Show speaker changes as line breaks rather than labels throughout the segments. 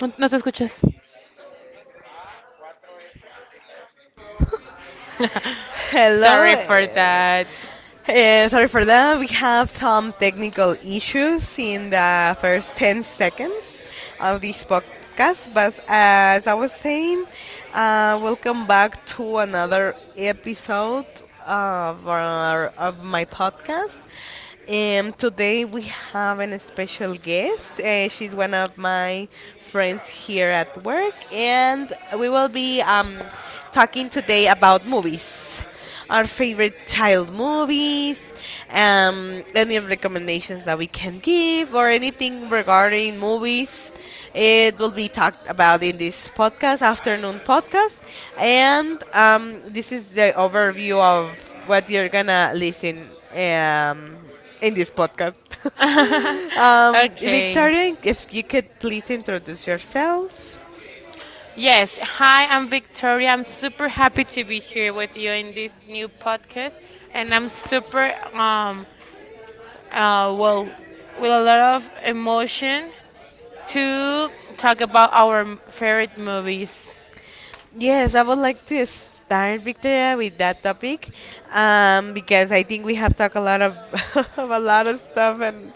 No, no te escuchas.
Hello.
Sorry for that.
Sorry for that. We have some technical issues in the first 10 seconds of this podcast. But as I was saying, welcome back to another episode of my podcast. Today we have an special guest. She's one of my friends here at work, and we will be talking today about movies, our favorite child movies, any recommendations that we can give, or anything regarding movies. It will be talked about in this podcast, afternoon podcast. And this is the overview of what you're gonna listen in this podcast.
Okay.
Victoria, if you could please introduce yourself.
Yes. Hi, I'm Victoria. I'm super happy to be here with you in this new podcast, and I'm super well, with a lot of emotion to talk about our favorite movies.
Yes, I would like to start, Victoria, with that topic, because I think we have talked a lot of, of a lot of stuff, and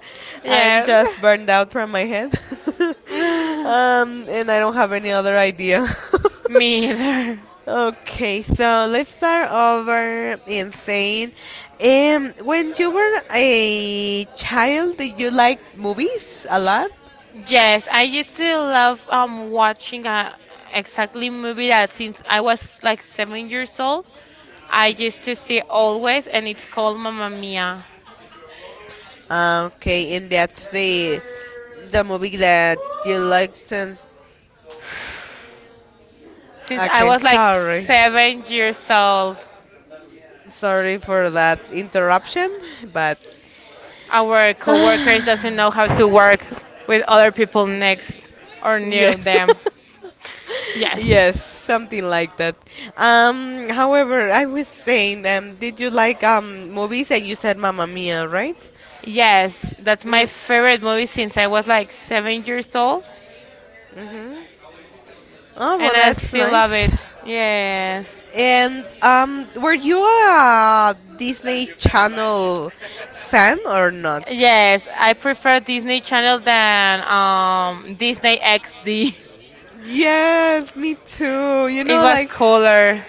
I'm
Yes.
just burned out from my head, and I don't have any other idea.
Me either.
Okay, so let's start over in saying, when you were a child, did you like movies a lot?
Yes, I used to love watching exactly movie that since I was like 7 years old, I used to see always, and it's called Mamma Mia.
Okay, and that's the movie that you liked since.
Since I
Okay,
was like
sorry.
7 years old,
Sorry for that interruption, but
our coworkers doesn't know how to work with other people next or
yeah.
near them. Yes,
Yes, something like that. However, I was saying, did you like movies, and you said Mamma Mia, right?
yes, that's my favorite movie since I was like 7 years old,
Mm-hmm. Oh, well
and I
that's
still love
nice.
it. Yes.
And were you a Disney Channel fan or not?
Yes, I prefer Disney Channel than Disney XD.
Yes, me too. You
It
know,
was
like,
cooler.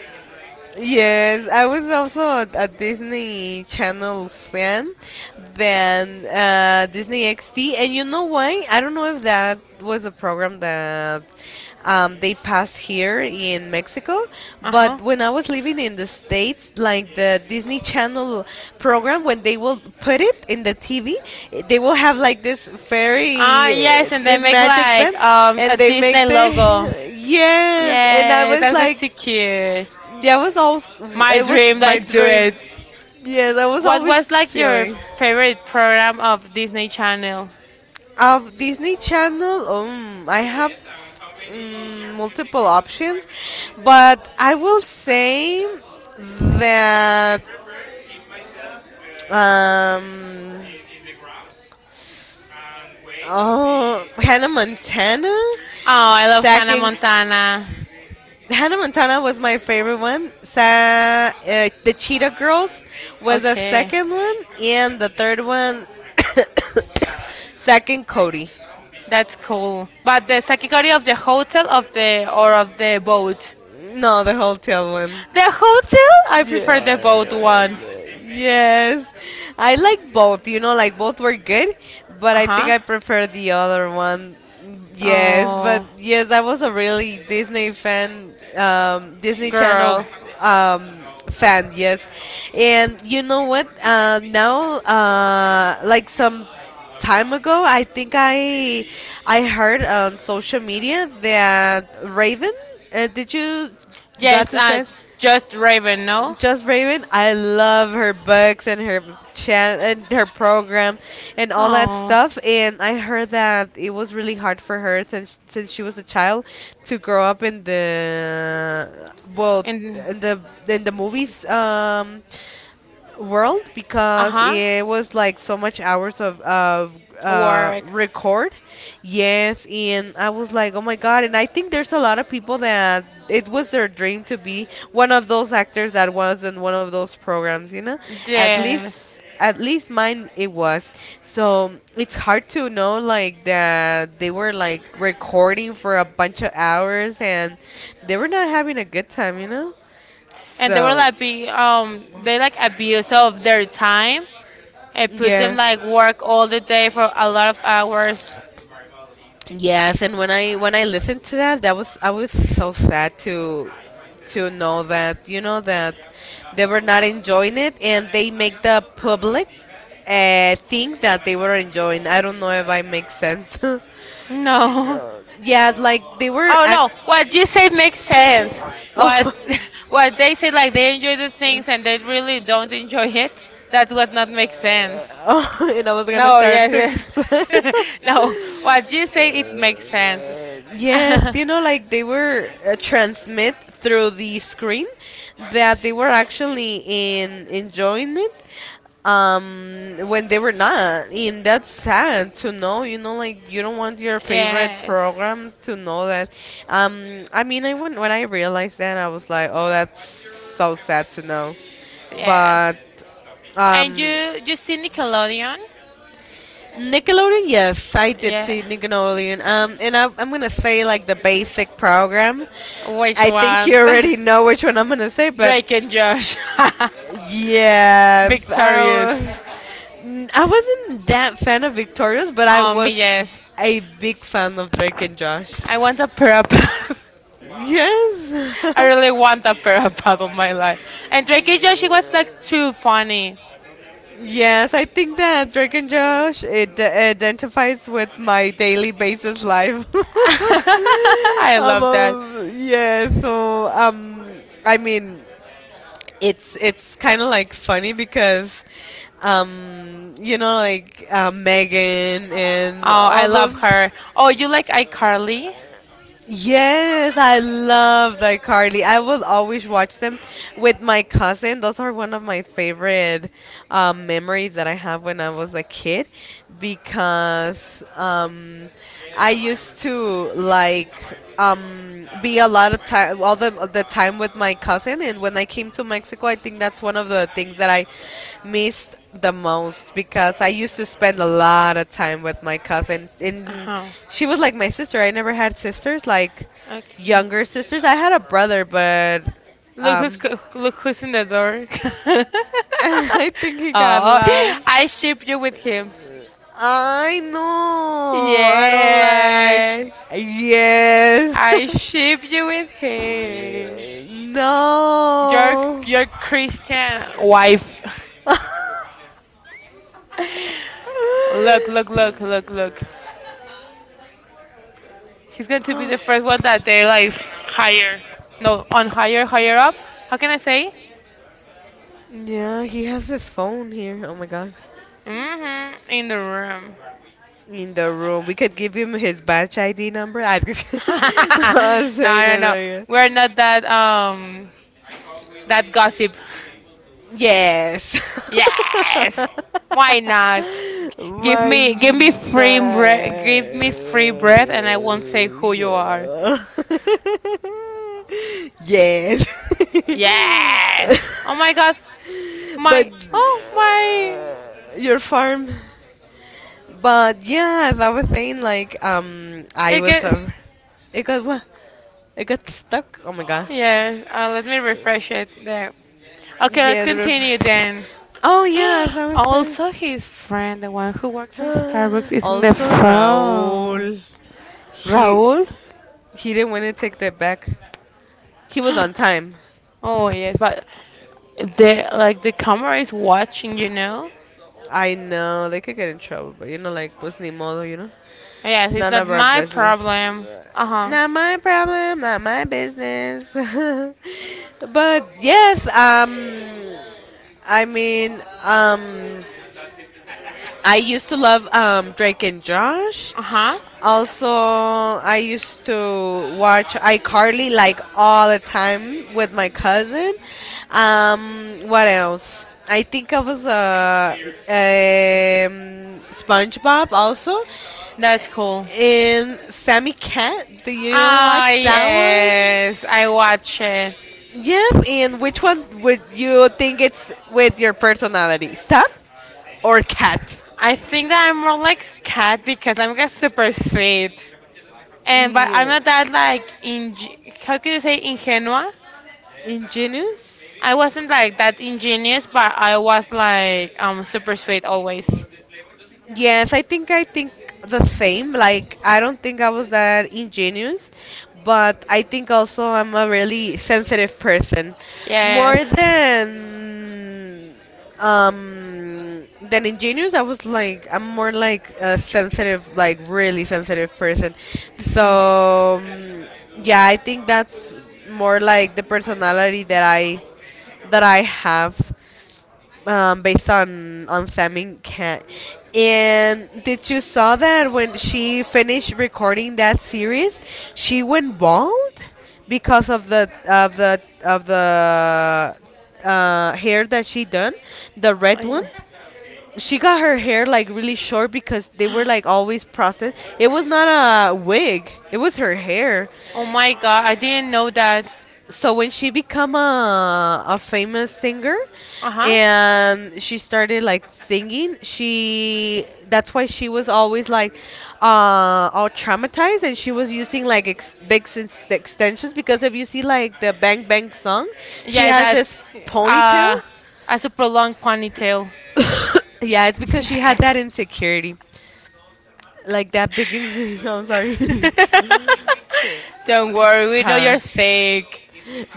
yes, I was also a Disney Channel fan then Disney XD, and you know why? I don't know if that was a program that they passed here in Mexico,
Uh-huh.
but when I was living in the States, like the Disney Channel program, when they will put it in the TV, they will have like this
Ah,
fairy,
yes, and they
this
make
magic
like
band, and
a
they
Disney
make
logo.
the yes, and I
Yeah,
was
that was
like,
too cute.
yeah, it was always.
My
It was
dream,
my
like do
dream.
it.
Yeah, that was
What
always
was like your
feeling.
favorite program of Disney Channel? Oh,
Of Disney Channel, I have, multiple options, but I will say that, um, oh, Hannah Montana,
I love Hannah
second.
Montana.
Hannah Montana was my favorite one. The Cheetah Girls was the
Okay.
second one, and the third one, second Cody.
That's cool. But the category of the hotel of the or of the boat?
No, the hotel one.
The hotel? I prefer the boat
Yeah.
one.
Yes, I like both. You know, like both were good, but I think
Uh-huh.
I prefer the other one. Yes, but
Oh,
yes, I was a really Disney fan, Disney Channel
girl.
um, fan. Yes, and you know what? Now, like some time ago, I think I heard on social media that Raven. Did you got
Yes,
to say?
just Raven, no?
Just Raven, I love her books and her and her program and all that
Oh,
stuff. And I heard that it was really hard for her since she was a child to grow up in the, well,
and
in the, in the movies world, because
uh-huh.
it was like so much hours of
Work.
record. Yes, and I was like, oh my god. And I think there's a lot of people that it was their dream to be one of those actors that was in one of those programs, you know, at
Yes.
least at least mine it was. So it's hard to know like that they were like recording for a bunch of hours and they were not having a good time, you know,
and they were
so
like be they like abuse of their time and put them
yes.
like work all the day for a lot of hours.
Yes, and when I listened to that, that was, I was so sad to know that, you know, that they were not enjoying it, and they make the public think that they were enjoying. I don't know if I make sense.
No.
Yeah, like they were.
Oh no, what you say makes sense. What
Oh,
what they say like they enjoy the things and they really don't enjoy it. That's what not makes sense.
oh, and I was gonna
No,
start
yes,
to explain.
yes. No, what you say it makes sense.
Yes, you know, like they were transmit through the screen that they were actually in enjoying it when they were not, and that's sad to know, you know, like you don't want your favorite
Yes.
program to know that. Um i mean i when, when i realized that I was like, oh, that's so sad to know.
Yeah.
But um
And you see Nickelodeon?
Nickelodeon, yes, I did
Yeah.
see Nickelodeon. And I'm gonna say like the basic program.
Which
I think you
ones?
already know which one I'm gonna say, but
Drake and Josh.
yes, I,
Victorious.
wa- N- I wasn't that fan of Victorious, but I
Um
was
yes.
a big fan of Drake and Josh.
I want a pair of pants.
Yes.
I really want a pair of pants on my life. And Drake and Josh it was like too funny.
Yes, I think that Drake and Josh it identifies with my daily basis life.
I love that.
Yeah, so I mean, it's kind of like funny because, you know, like Megan and
Oh, I
all
love
those.
her. Oh, you like iCarly?
Yes, I love the Carly. I will always watch them with my cousin. Those are one of my favorite memories that I have when I was a kid because I used to like be a lot of time, all the time with my cousin. And when I came to Mexico, I think that's one of the things that I missed the most because I used to spend a lot of time with my cousin. And
Uh-huh.
she was like my sister. I never had sisters, like
Okay.
younger sisters. I had a brother, but
Look who's
um,
look who's in the door.
I think he got
Oh,
lost.
I ship you with him.
I know. I don't
Yes,
like. Yes.
I ship you with him. Your
No.
your Christian wife. Look, look, look, look, look. He's going to be the first one that they like hire. No, on higher, higher up. How can I say?
Yeah, he has his phone here. Oh my god.
Mm-hmm. In the room.
In the room. We could give him his batch ID number. I
No,
I'm saying it
no, no.
right here.
We're not that that gossip.
Yes.
Yes. Why not? Give
my
me, give me
me,
free bread, give me free bread, and I won't say who you are.
yes.
Yes. Oh my God,
But
my, oh my,
uh, your farm. But yeah, as I was saying, like I
it
was
get.
it got what, it got stuck. Oh my god.
Yeah. Let me refresh it there. Okay, let's
Yeah, the river.
continue then.
Oh yeah, as I was saying.
Also, his friend, the one who works in Starbucks, is in the
Also,
phone.
Raul, he
Raul.
he didn't want to take that back. He was on time.
Oh yes, but the like the camera is watching.
I know they could get in trouble, but you know, like, pues ni modo, you know.
Yes,
It's
it's
none
not
of our
my
business.
problem. Uh huh.
Not my problem, not my business. But yes, I mean, um, I used to love Drake and Josh.
Uh huh.
Also, I used to watch iCarly like all the time with my cousin. What else? I think I was a, SpongeBob also,
That's cool.
and Sammy Cat. Do you
Ah,
watch that
yes,
one?
I watch it.
Yes, and which one would you think it's with your personality, Sam or Cat?
I think that I'm more like cat because I'm like super sweet, and but I'm
Yeah.
not that like in how can you say ingenua?
Ingenious?
I wasn't like that ingenious, but I was like super sweet always.
Yes, I think the same. Like I don't think I was that ingenuous, but I think also I'm a really sensitive person, more
Yes.
than ingenious. I was like, I'm more like a sensitive, like really sensitive person. So yeah, I think that's more like the personality that I have, based on Famine Cat. And did you saw that when she finished recording that series, she went bald
Mhm.
because of the hair that she done, the red
I,
one. She got her hair like really short because they were like always processed. It was not a wig. It was her hair.
oh my God, I didn't know that.
So when she became a famous singer
Uh huh.
and she started like singing, she, that's why she was always like all traumatized, and she was using like big extensions, because if you see like the bang bang song, she
Yeah,
has
that
this ponytail.
uh, as a prolonged ponytail.
Yeah, it's because she had that insecurity, like that big insecurity. I'm sorry.
Don't worry, we know
Sorry.
you're sick.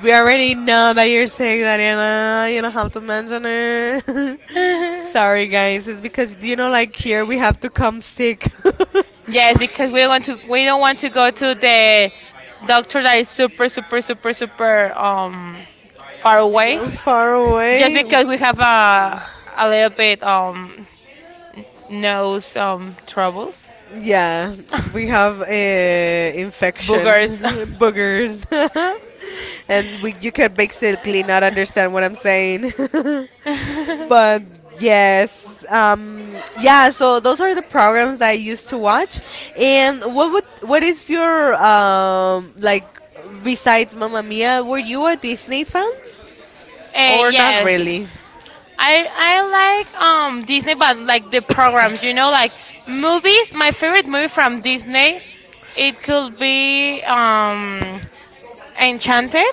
We already know that you're sick, Dariana. You don't have to mention it. Sorry, guys. It's because, you know, like here we have to come sick.
Yes, because we don't want to go to the doctor that is super super super super far away.
You're far
Just
away.
because we have a little bit nose troubles,
Yeah, we have infection,
boogers.
boogers, and we, you can basically not understand what I'm saying.
uh,
But yes, yeah. So those are the programs that I used to watch. And what would, what is your like besides Mamma Mia? Were you a Disney fan or not
yes,
really?
I like Disney, but like the programs, like movies. My favorite movie from Disney, it could be Enchanted,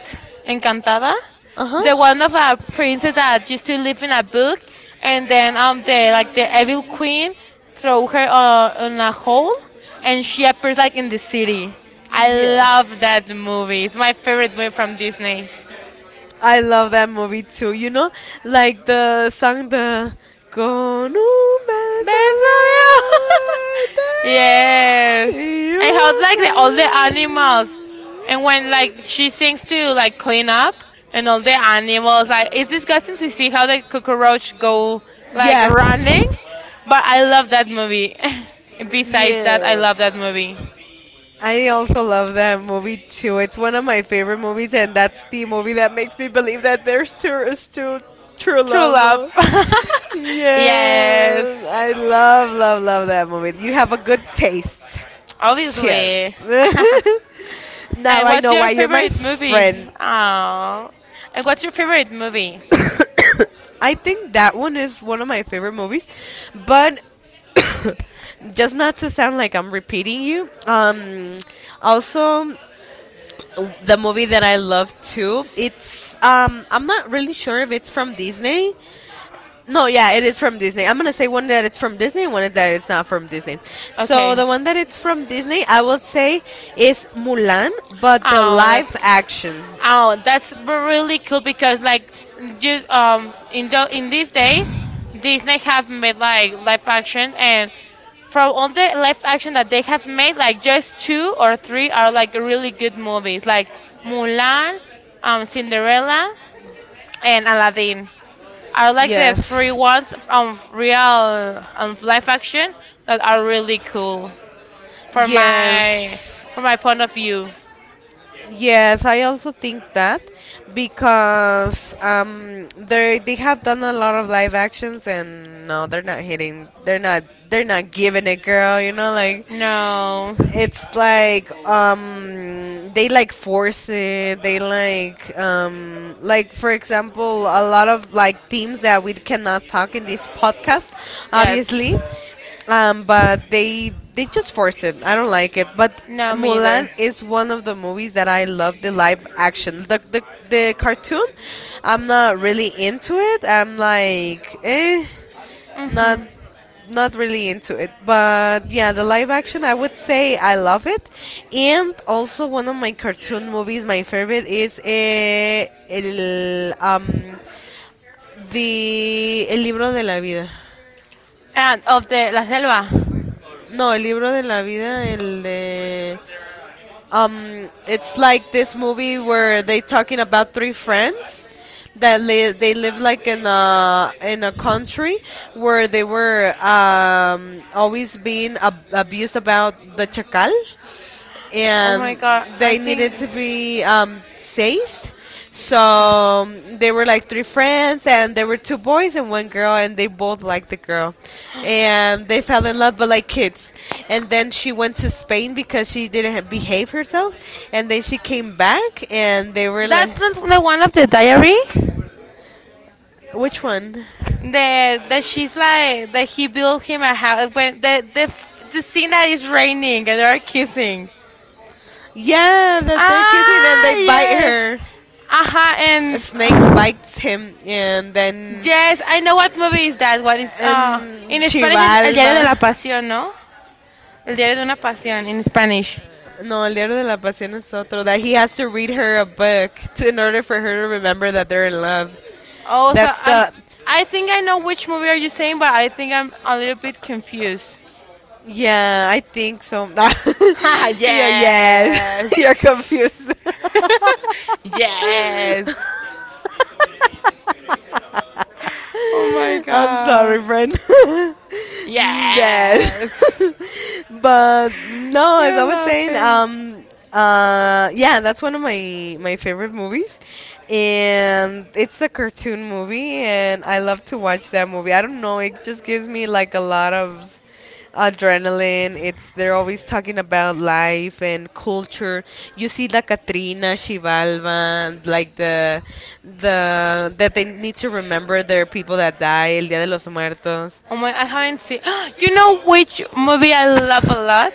Encantada,
Uh
the
huh.
one of a princess that used to live in a book, and then the like the evil queen throw her on a hole, and she appears like in the city.
Yeah.
I
Yeah.
love that movie. It's my favorite movie from Disney.
I love that movie too. You know, like the song, the Con un beso
Bezalel.
de amor y
Yes.
It
And how like the, all
un
the animals and when like she
beso-
sings to like clean up and all the animals like it's disgusting to see how the cockroach go
Like,
like running.
yes.
But I love that movie.
Everything.
Besides that, I
Yeah.
love that movie.
I also love that movie too. It's one of my favorite movies, and that's the movie that makes me believe that there's true, still true
True love.
love.
Yes.
Yes, I love, love, love that movie. You have a good taste. Cheers.
Obviously.
Now
And
I
what's
know
your
why you're my
favorite movie?
friend.
Oh. And what's your favorite movie?
I think that one is one of my favorite movies, but just not to sound like I'm repeating you. Also, the movie that I love too. It's I'm not really sure if it's from Disney. No, yeah, it is from Disney. I'm gonna say one that it's from Disney, one that it's not from Disney. So
Okay,
the one that it's from Disney, I will say is Mulan, but the
Oh,
live
that's
action.
oh, that's really cool because like you in these days, Disney have made like live action, and from all the live action that they have made, like just two or three are like really good movies, like Mulan, Cinderella, and Aladdin are like the three
Yes.
ones on real on live action that are really cool for my
Yes,
from my point of view.
yes, I also think that because they have done a lot of live actions and no, they're not hitting. They're not, they're not giving it, girl.
No.
It's like they like force it. They like for example a lot of like themes that we cannot talk in this podcast,
Yes.
obviously. But they just force it. I don't like it, but
No, me
Mulan
either.
is one of the movies that I love the live action. The cartoon, I'm not really into it. I'm like, eh, not,
Hmm.
not really into it. But yeah, the live action, I would say I love it. And also one of my cartoon movies, my favorite is el the El Libro de la Vida.
And of the La Selva.
No, El Libro de la Vida, el de it's like this movie where they talking about three friends that they live like in a country where they were, always being abused about the chacal.
Oh my
And
god, I
they
think.
needed to be, saved. So, they were like three friends, and there were two boys and one girl, and they both liked the girl, and they fell in love, but like kids. And then she went to Spain because she didn't behave herself, and then she came back, and they were like,
That's not the one of the diary?
which one?
The That she's like that he built him a house when the scene that is raining and they are kissing.
Yeah, that they're kissing, and
Ah,
they bite
yeah.
her.
Aha,
A
and
snake bites him, and then
yes, I know what movie is that. What is
and
in Spanish is El Diario
Chivalva.
de la Pasión, ¿no? El Diario de una Pasión in Spanish.
No, El Diario de la Pasión is otro. That he has to read her a book to, in order for her to remember that they're in love.
Oh, so
That's the.
I think I know which movie are you saying, but I think I'm a little bit confused.
Yeah, I think so.
Ha,
Yeah, yes.
yes.
You're confused.
Yes. Oh my
I'm
god.
sorry, friend. Dad.
Yes.
but no, as
You're
I was saying,
laughing.
yeah, that's one of my favorite movies, and it's a cartoon movie, and I love to watch that movie. I don't know, it just gives me like a lot of adrenaline. It's they're always talking about life and culture. You see La Katrina, Chivalva, like the that they need to remember there are people that die El Día de los Muertos.
Oh my, I haven't seen. You know which movie I love a lot?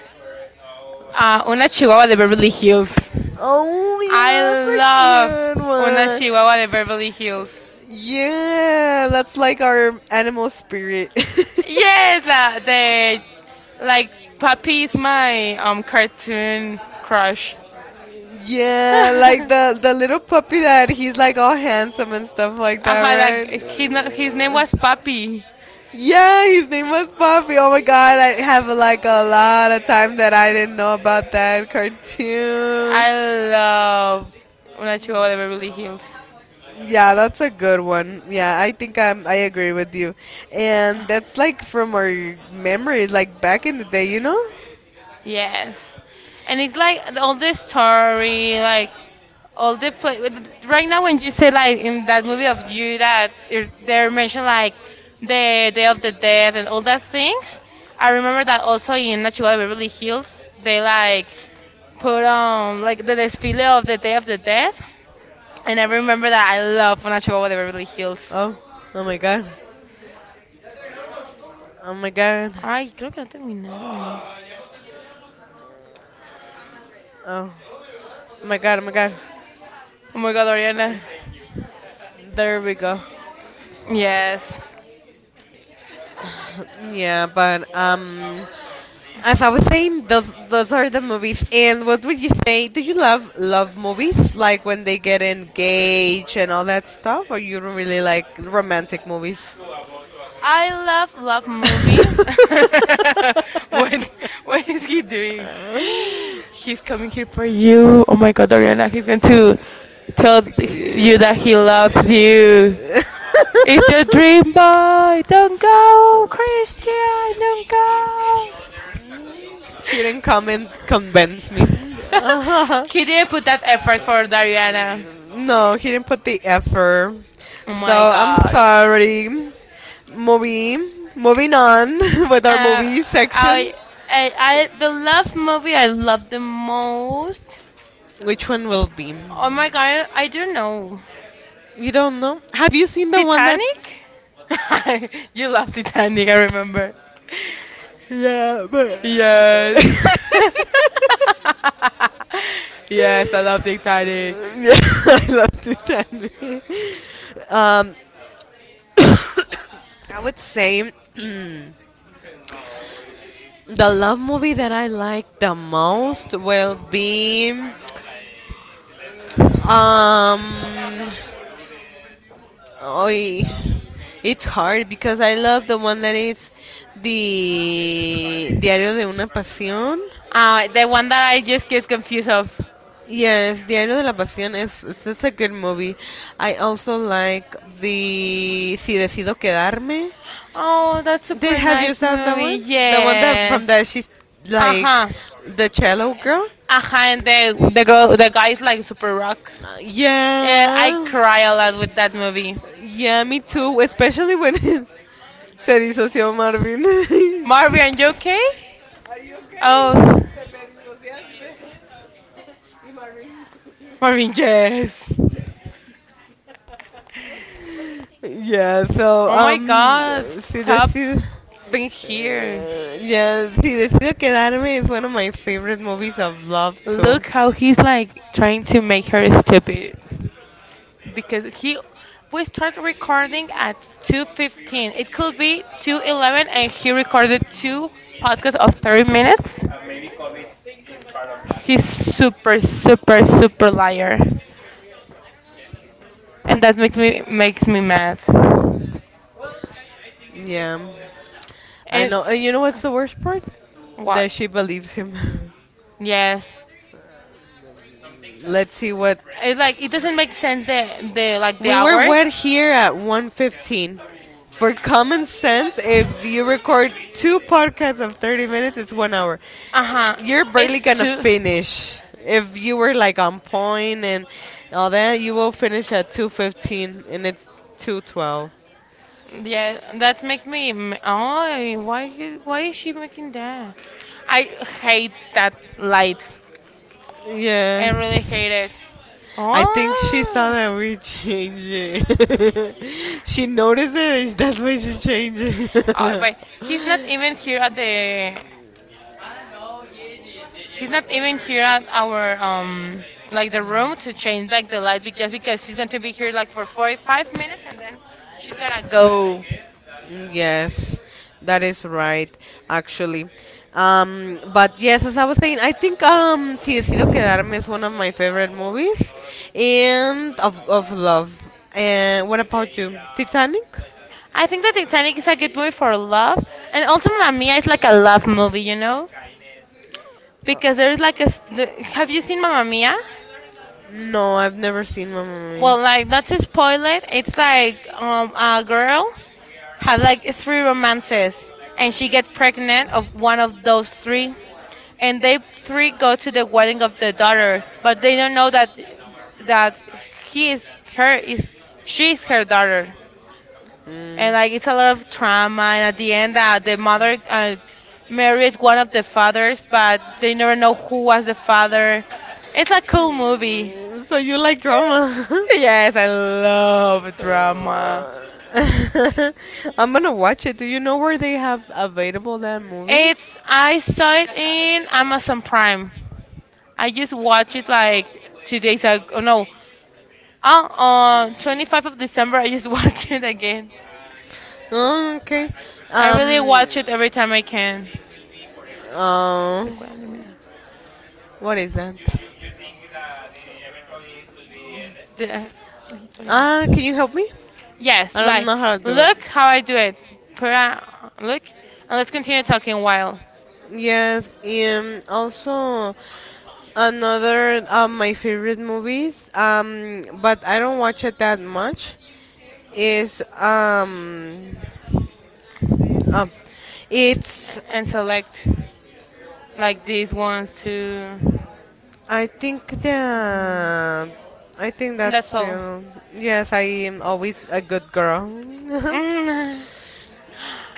Una Chihuahua de Beverly Hills.
Oh
I
yeah, that's a
love
cute
Una
one.
Chihuahua de Beverly Hills.
Yeah, that's like our animal spirit.
Yes, la, the like Papi is my cartoon crush.
Yeah, like
uh
the little puppy that he's like all handsome and stuff like that, right?
like his his name was Papi.
Yeah, his name was Poppy. Oh my god, I have like a lot of time that I didn't know about that cartoon.
I love Una Chihuahua de Beverly Hills.
Yeah, that's a good one. Yeah, I agree with you. And that's like from our memories, like back in the day, you know?
Yes, and it's like all this story, like all the play right now when you say like in that movie of you that they're mentioned like the Day of the Dead and all that things. I remember that also in Natural Beverly Hills they like put on like the desfile of the Day of the Dead, and I remember that I love Natural de Beverly Hills.
Oh, oh my god. Oh my god.
Ay, creo que no terminamos.
Oh, oh my god, oh my god.
Oh my God, Oriana.
There we go.
Yes.
Yeah, but as I was saying, those are the movies. And what would you say? Do you love love movies, like when they get engaged and all that stuff, or you don't really like romantic movies?
I love love movies. what what is he doing? He's coming here for you. Oh my god, Ariana, he's going to tell you that he loves you. It's your dream boy. Don't go, Christian. Don't
He didn't come
go.
and convince me.
He didn't put that effort for Dariana.
No, he didn't put the effort.
Oh
So
my
I'm
god.
sorry. Movie, moving on with our
Uh,
movie
I,
section.
the love movie I love the most.
Which one will be?
Oh my god, I do know.
You don't know? Have you seen the one that.
Titanic? You love Titanic, I remember.
Yeah, but.
Yes. Yes, I love Titanic.
Yeah, I love this anime. Um, I would say. The love movie that I like the most will be um oy, it's hard because I love the one that is the Diario de una Pasión.
The one that I just get confused of.
Yes, Diario de la Pasión is- it's a good movie. I also like the Si Decido Quedarme.
Oh, that's
Did
super
have you
nice
seen that
movie.
one? The one that
Yeah.
from that she's like
Uh-huh.
the cello girl.
Uh-huh, and the guy is like super rock. Yeah, I
Yeah,
cry a lot with that movie.
yeah, me too. Especially when se disoció Marvin.
Marvin, you okay? Oh, Marvin, yes.
Yeah, so
Oh my god,
Si
stop
Decido.
being here.
Yeah, si decido quedarme, is one of my favorite movies of love too.
Look how he's like trying to make her stupid. Because he we started recording at 2:15. It could be 2:11 and he recorded two podcasts of 30 minutes. He's super super super liar. And that makes me mad.
Yeah, I
And
know. And you know what's the worst part?
what?
That she believes him.
Yes.
Let's see what
It's like it doesn't make sense the like the
we were.
hours.
Wet here at 1:15. For common sense, if you record two podcasts of 30 minutes, it's 1 hour.
Uh-huh.
You're barely
It's
gonna
too.
finish. If you were like on point and all that, you will finish at 2:15, and it's 2:12.
Yeah, that makes me. Oh, why is she making that? I hate that light. I
Yeah.
really hate it.
I think she saw
Oh.
that we change it. She noticed it, and that's why she changed
Oh,
it.
but he's not even here at the. He's not even here at our like the room to change like the light just because she's going to be here like for 4 or 5 minutes, and then she's gonna go.
Yes, that is right, actually. But yes, as I was saying, I think Si Decido Quedarme is one of my favorite movies, and of love. And what about you, Titanic?
I think that Titanic is a good movie for love, and also Mamma Mia is like a love movie because there's like Have you seen Mamma Mia?
No, I've never seen Mamma Mia.
Well, like not to spoil it, it's like a girl had like three romances, and she get pregnant of one of those three, and they three go to the wedding of the daughter, but they don't know that that he is her is she is her daughter. And like it's a lot of trauma, and at the end the mother married one of the fathers, but they
Mm.
never know who was the father. It's a cool movie.
So you like drama?
Yes, I love drama.
Uh, I'm gonna watch it. Do you know where they have available that movie?
It's i saw it in Amazon Prime. I just watched it like 2 days ago, no, on 25th of December I just watched it again.
Oh, okay.
I really
Um.
watch it every time I can.
Oh,
Recuerda eliminar.
what is that?
De- la historia.
Ah, can you help me?
Yes,
I don't
like,
know how to do it.
look how I do it. Look, and let's continue talking a while.
Yes, and also another of my favorite movies, but I don't watch it that much. Is um, it's
And select, like, these ones too.
I think
Um,
the I think
And that's
you
all.
know, yes, I am always a good girl.
Mm.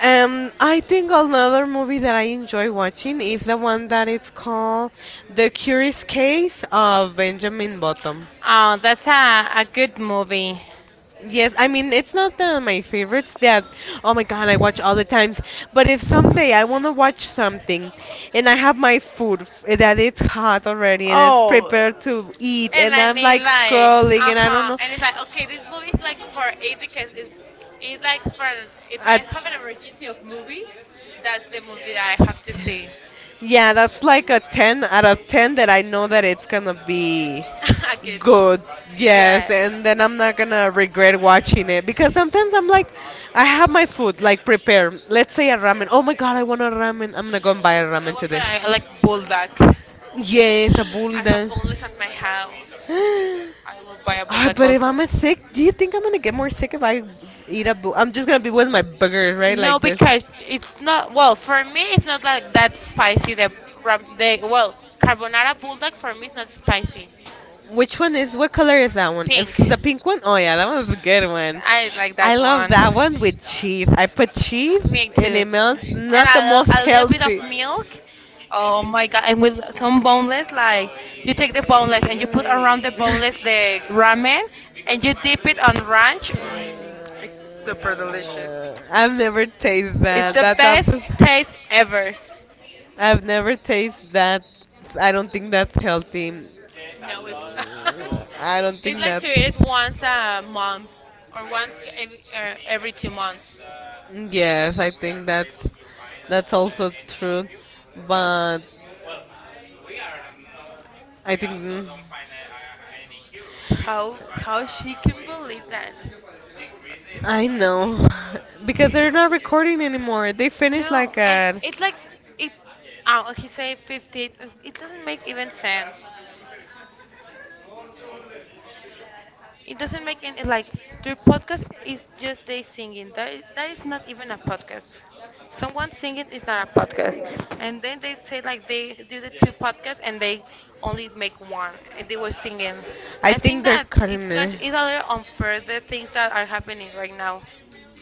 I think another movie that I enjoy watching is the one that it's called The Curious Case of Benjamin Button.
Oh, that's a good movie.
Yes, I mean it's not my favorites that oh my god I watch all the times. But if someday I wanna watch something, and I have my food that it's hot already and it's
Oh,
prepared to eat,
and
and
I
am
need
like
like,
scrolling
uh
and I don't
huh.
know,
And it's like, okay, this movie is like for eight because it's like for if I have an emergency of movie, that's the movie that I have to see.
yeah, that's like a 10 out of 10 that I know that it's gonna be
A good,
good. Yes,
yeah.
and then I'm not gonna regret watching it because sometimes I'm like, I have my food like prepared. Let's say a ramen. Oh my god, I want a ramen. I'm gonna go and buy a
I
ramen
want,
today.
but I like bulldog.
Yes, a
I have
bulldog.
boneless at my house. I will buy a
Ah,
bulldog
but if
also.
I'm a sick, do you think I'm gonna get more sick if I eat a bull? I'm just gonna be with my burgers, right?
No,
Like this.
because it's not. Well, for me, it's not like that spicy. The ram, the well carbonara bulldog for me is not spicy.
Which one is? What color is that one?
Pink.
It's pink. The pink one. Oh yeah, that one's a good one.
I like
I like that I
that
one. Love
one.
that one with cheese. I put cheese Me
Me
and
too.
it too. Melts.
And
Not the most
a little bit of
healthy.
milk. Oh
Oh my
my
god,
god! And
with
with
from
some
boneless,
boneless, like
like
you
you
take
take the
the
boneless,
boneless and
you
you
put
put
around
around
the
the
boneless
boneless the
the ramen,
ramen
and you
and you dip
dip
it on ranch. Mm,
it
it's super
around.
delicious.
I've never tasted
It's
that.
the
That's
best
the doesn't. Best
taste ever.
taste ever. I've never tasted that. I don't think that's healthy.
No, it's not.
I don't think
It's like
that.
to eat it once a month or once every 2 months.
Yes, I think that's also true, but I think
How how now she can believe that?
I know because they're not recording anymore. They finished
No,
like
and
at
it's like it. Oh, he said 50. It doesn't make even sense. It doesn't make any like their podcast is just they singing. That is not even a podcast. Someone singing is not a podcast. And then they say like they do the two podcasts and they only make one and they were singing.
I
I think
think they're
that it's
cutting
going
it.
to it's a little unfair the things that are happening right now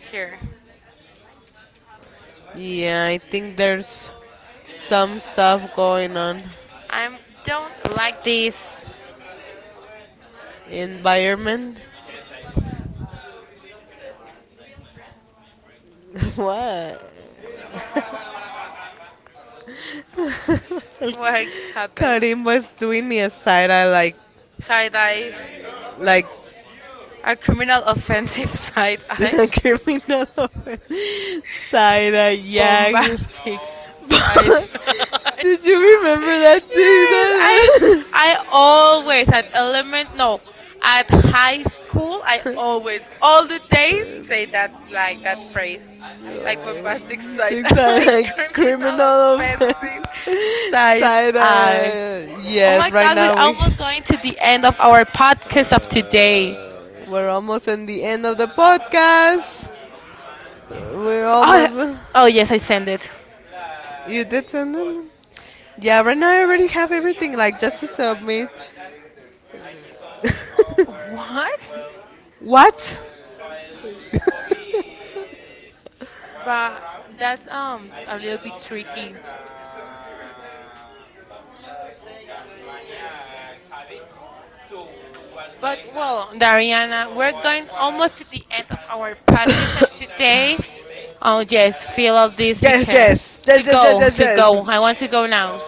here.
Yeah, I think there's some stuff going on.
I don't like this.
Environment? What?
What happened?
Karim was doing me a side eye
Side eye.
like
A criminal offensive side eye.
criminal offense. Side eye, yeah.
Bombastic side.
Did you remember that thing?
Yes, I
That
I always at element no, at high school I always all the days say that like that phrase. Like bombastic side like
like
criminal
criminal offense.
offensive side
Side
eye. Oh my
yes, right
god, we're
now
almost going to the end of our podcast of today.
we're almost in the end of the podcast. We're
Oh,
almost.
oh yes, I send it.
You did send them. Yeah, right now I already have everything like just to submit.
What?
What?
But that's a little bit tricky. But well, Dariana, we're going almost to the end of our podcast of today. Oh yes, feel all this
Yes,
because
yes,
to go,
yes,
to go. I want to go now.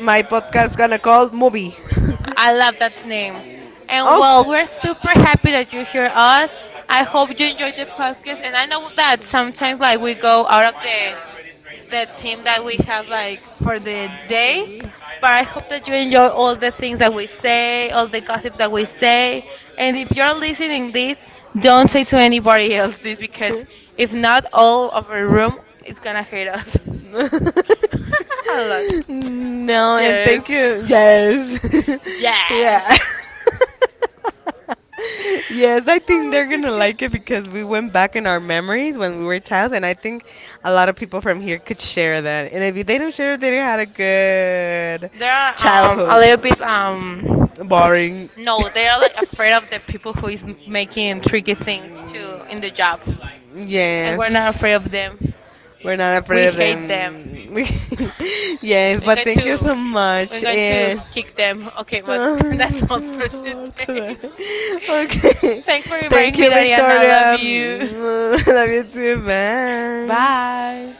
my podcast gonna call movie.
I
I
love that name. And well, we're super happy that you hear us. I hope you enjoyed the podcast. And I know that sometimes like we go out of the team that we have like for the day. But I hope that you enjoy all the things that we say, all the gossip that we say. And if you're listening this, don't say to anybody else this because if not, all of our room is gonna hate us. A lot.
no, and
Yes.
thank you. Yes.
Yes.
Yeah. Yes, I
I
think they're
want
going
to
to
go.
like it because we went back in our memories when we were child, and I think a lot of people from here could share that. And if they don't share it, they didn't had a good
They are a
childhood.
little bit
Boring.
no, they are like afraid of the people who is making tricky things too in the job, and we're not
Yes.
afraid of them.
We're not
We
afraid of
hate them.
them. Yes,
We're
but
going
thank you
to
so
we're
much.
going to
And
kick them. Okay, but that's all for
Ortada.
today.
Okay.
Thanks for
Thank
inviting me,
you,
Dariana. I love
Victoria.
you.
Love you too. Bye.
Bye.